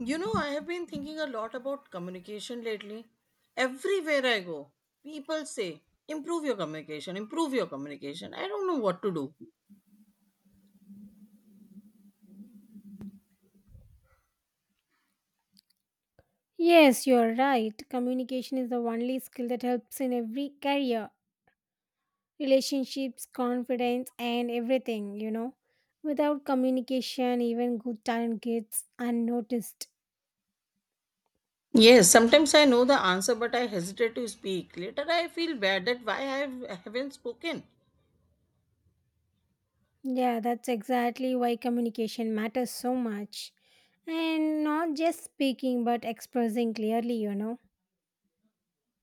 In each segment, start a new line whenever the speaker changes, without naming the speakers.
You know, I have been thinking a lot about communication lately. Everywhere I go, people say, improve your communication, improve your communication. I don't know what to do.
Yes, you're right. Communication is the only skill that helps in every career, relationships, confidence, and everything, you know. Without communication, even good talent gets unnoticed.
Yes, sometimes I know the answer, but I hesitate to speak. Later, I feel bad that why haven't spoken.
Yeah, that's exactly why communication matters so much. And not just speaking, but expressing clearly, you know.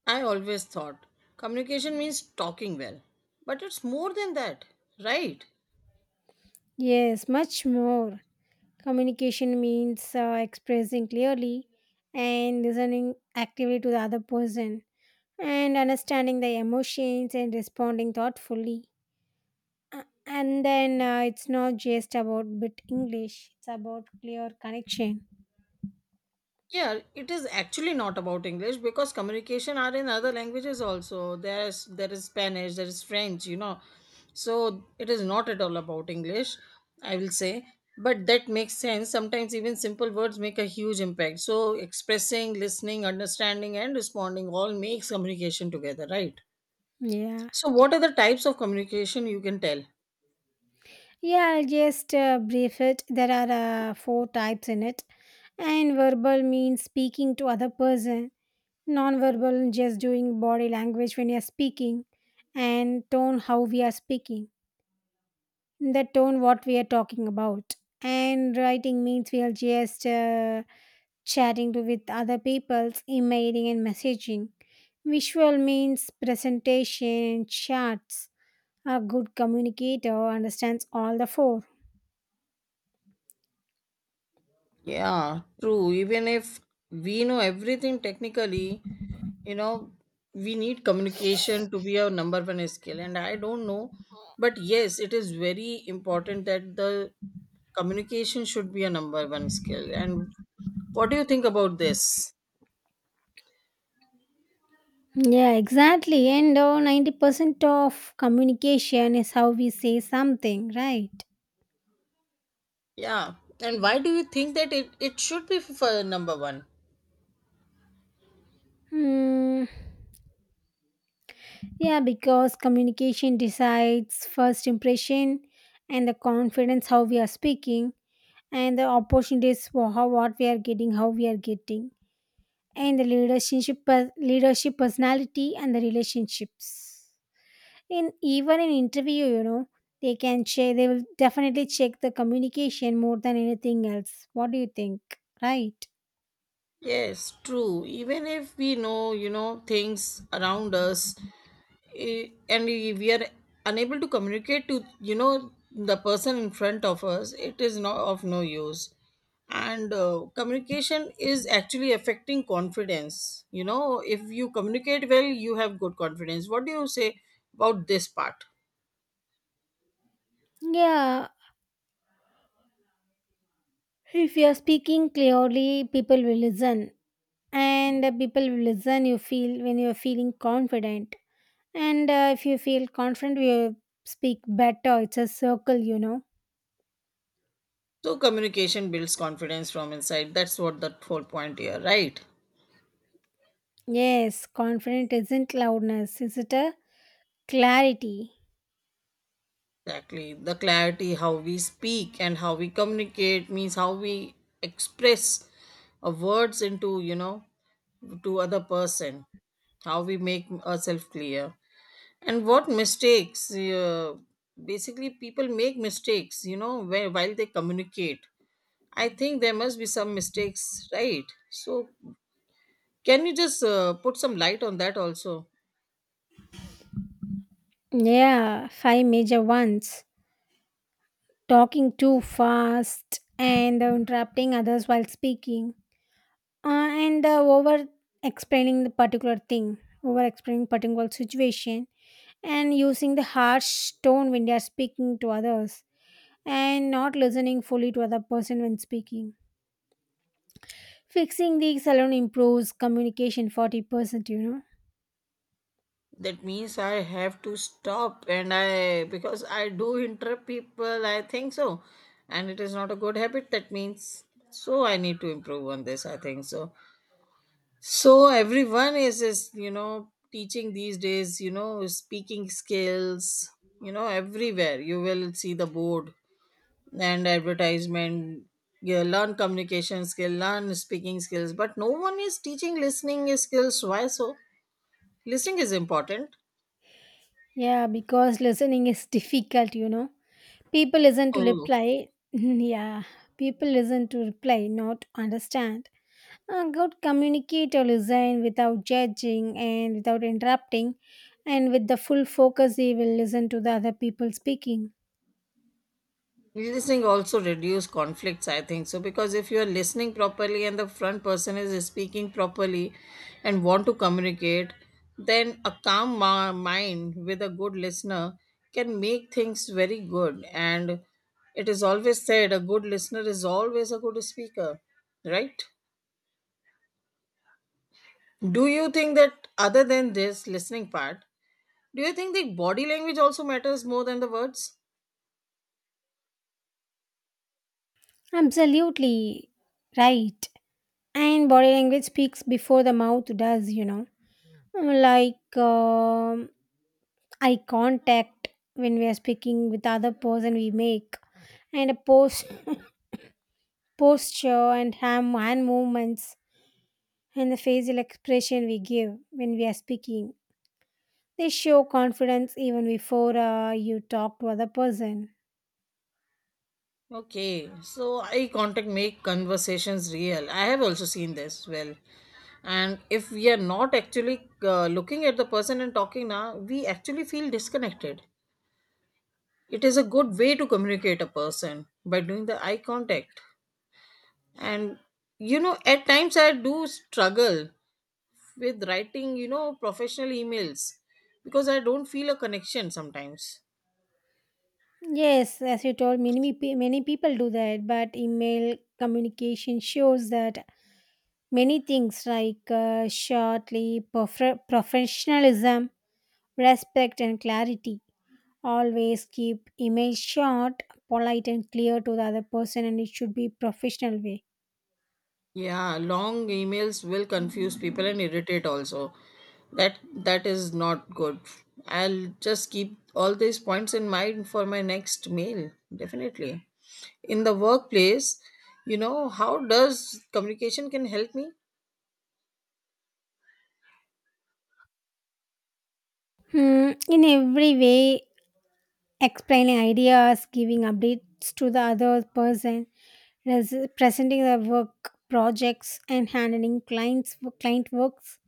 I always thought communication means talking well, but it's more than that, right?
Yes, much more. Communication means expressing clearly and listening actively to the other person and understanding the emotions and responding thoughtfully. And then it's not just about bit English, it's about clear connection.
Yeah, it is actually not about English because communication are in other languages also. There is Spanish, there is French, you know. So it is not at all about English, I will say. But that makes sense. Sometimes even simple words make a huge impact. So expressing, listening, understanding, and responding all makes communication together, right?
Yeah.
So what are the types of communication you can tell?
Yeah, I'll just brief it. There are four types in it. And verbal means speaking to other person. Non-verbal just doing body language when you're speaking. And tone how we are speaking. The tone what we are talking about. And writing means we'll just chatting to with other peoples, emailing and messaging. Visual means presentation, charts. A good communicator understands all the four.
Yeah, true. Even if we know everything technically, you know, we need communication to be a number one skill, and I don't know, but yes, it is very important that the communication should be a number one skill. And what do you think about this?
Yeah, exactly. And 90% of communication is how we say something, right?
Yeah. And why do you think that it should be for number one?
Hmm. Yeah, because communication decides first impression and the confidence how we are speaking and the opportunities for how what we are getting, how we are getting. And the leadership personality and the relationships in even in interview, you know, they can check they will definitely check the communication more than anything else. What do you think, right?
Yes, true. Even if we know, you know, things around us, and if we are unable to communicate to, you know, the person in front of us, it is not of no use. And communication is actually affecting confidence. You know, if you communicate well, you have good confidence. What do you say about this part?
Yeah, if you are speaking clearly, people will listen, and the people will listen, you feel when you are feeling confident. And if you feel confident, you speak better. It's a circle, you know.
So communication builds confidence from inside. That's what the whole point here, right?
Yes, confident isn't loudness, is it? A clarity.
Exactly, the clarity, how we speak. And how we communicate means how we express our words into, you know, to other person. How we make ourselves clear. And what mistakes, basically people make mistakes, you know, where, while they communicate, I think there must be some mistakes, right? So can you just put some light on that also?
Yeah, five major ones. Talking too fast and interrupting others while speaking, and over explaining the particular thing, over explaining particular situation, and using the harsh tone when they are speaking to others, and not listening fully to other person when speaking. Fixing these alone improves communication 40%, you know.
That means I have to stop, and I, because I do interrupt people, I think so. And it is not a good habit. That means so I need to improve on this, I think so. So everyone is you know, teaching these days, you know, speaking skills, you know, everywhere you will see the board and advertisement. You learn communication skill, learn speaking skills, but no one is teaching listening skills. Why so? Listening is important.
Yeah, because listening is difficult, you know. People listen to
Oh.
reply. Yeah, people listen to reply, not understand. A good communicator listen without judging and without interrupting, and with the full focus, he will listen to the other people speaking.
Listening also reduce conflicts, I think so, because if you are listening properly and the front person is speaking properly and want to communicate, then a calm mind with a good listener can make things very good. And it is always said a good listener is always a good speaker, right? Do you think that other than this listening part, do you think the body language also matters more than the words?
Absolutely right. And body language speaks before the mouth does, you know. Like eye contact when we are speaking with other person we make, and a pose hand movements and the facial expression we give when we are speaking. They show confidence even before you talk to other person.
Okay, so eye contact make conversations real. I have also seen this well. And if we are not actually looking at the person and talking now, we actually feel disconnected. It is a good way to communicate a person by doing the eye contact. And you know, at times I do struggle with writing, you know, professional emails because I don't feel a connection sometimes.
Yes, as you told, many people do that, but email communication shows that many things like shortly professionalism, respect, and clarity. Always keep email short, polite, and clear to the other person, and it should be professional way.
Yeah, long emails will confuse people and irritate also. That is not good. I'll just keep all these points in mind for my next mail, definitely. In the workplace, you know, how does communication can help me?
Hmm, in every way, explaining ideas, giving updates to the other person, presenting the work projects, and handling client works,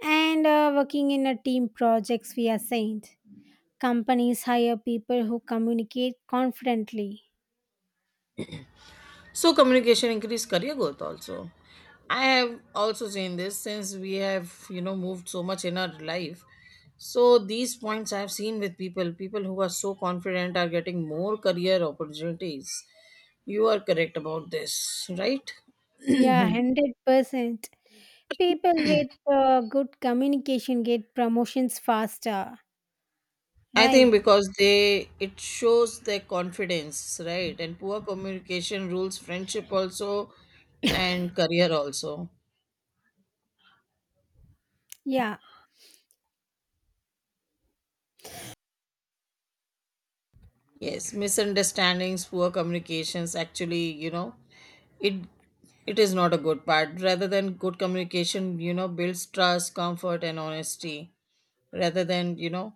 and working in a team projects we assigned. Companies hire people who communicate confidently.
So communication increase career growth also. I have also seen this since we have, you know, moved so much in our life. So these points I have seen with people, people who are so confident are getting more career opportunities. You are correct about this, right?
Yeah, 100%. People with good communication get promotions faster,
I
right?
think because they, it shows their confidence, right? And poor communication rules friendship also and career also.
Yeah,
Yes, misunderstandings, poor communications actually, you know, it it is not a good part. Rather than good communication, you know, builds trust, comfort and honesty. Rather than, you know,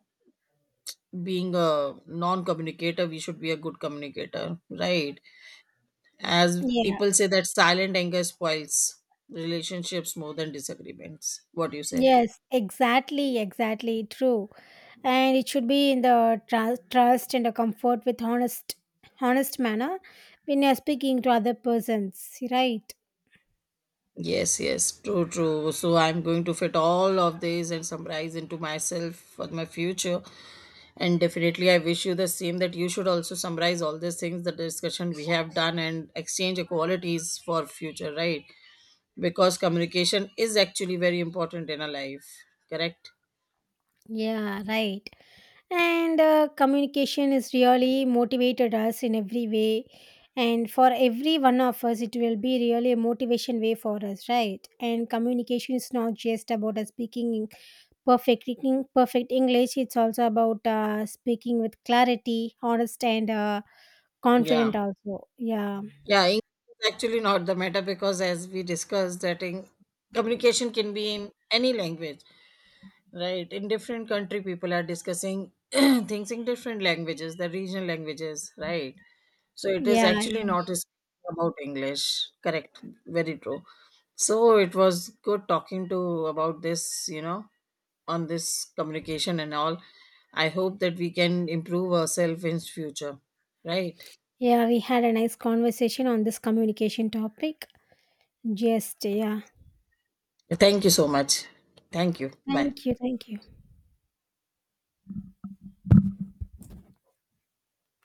being a non communicator, we should be a good communicator, right? As
yeah,
people say that silent anger spoils relationships more than disagreements. What do you say?
yes, exactly, exactly true. And it should be in the trust and a comfort with honest manner when you're speaking to other persons, right?
Yes, yes, true, true. So I'm going to fit all of these and summarize into myself for my future. And definitely, I wish you the same, that you should also summarize all these things, the discussion we have done, and exchange qualities for future, right? Because communication is actually very important in a life, correct?
Yeah, right. And communication is really motivated us in every way, and for every one of us it will be really a motivation way for us, right? And communication is not just about us speaking in perfect english. It's also about speaking with clarity, honest, and confident
Yeah.
also. Yeah,
Yeah, English is actually not the matter because, as we discussed, that in, communication can be in any language, right? In different country, people are discussing things in different languages, the regional languages, right? So it is
yeah,
actually
yeah.
not is about English. Correct, very true. So it was good talking to about this, you know, on this communication and all. I hope that we can improve ourselves in future, right?
Yeah, we had a nice conversation on this communication topic. Just, yeah.
Thank you so much. Thank you. Bye.
Thank you. Thank you.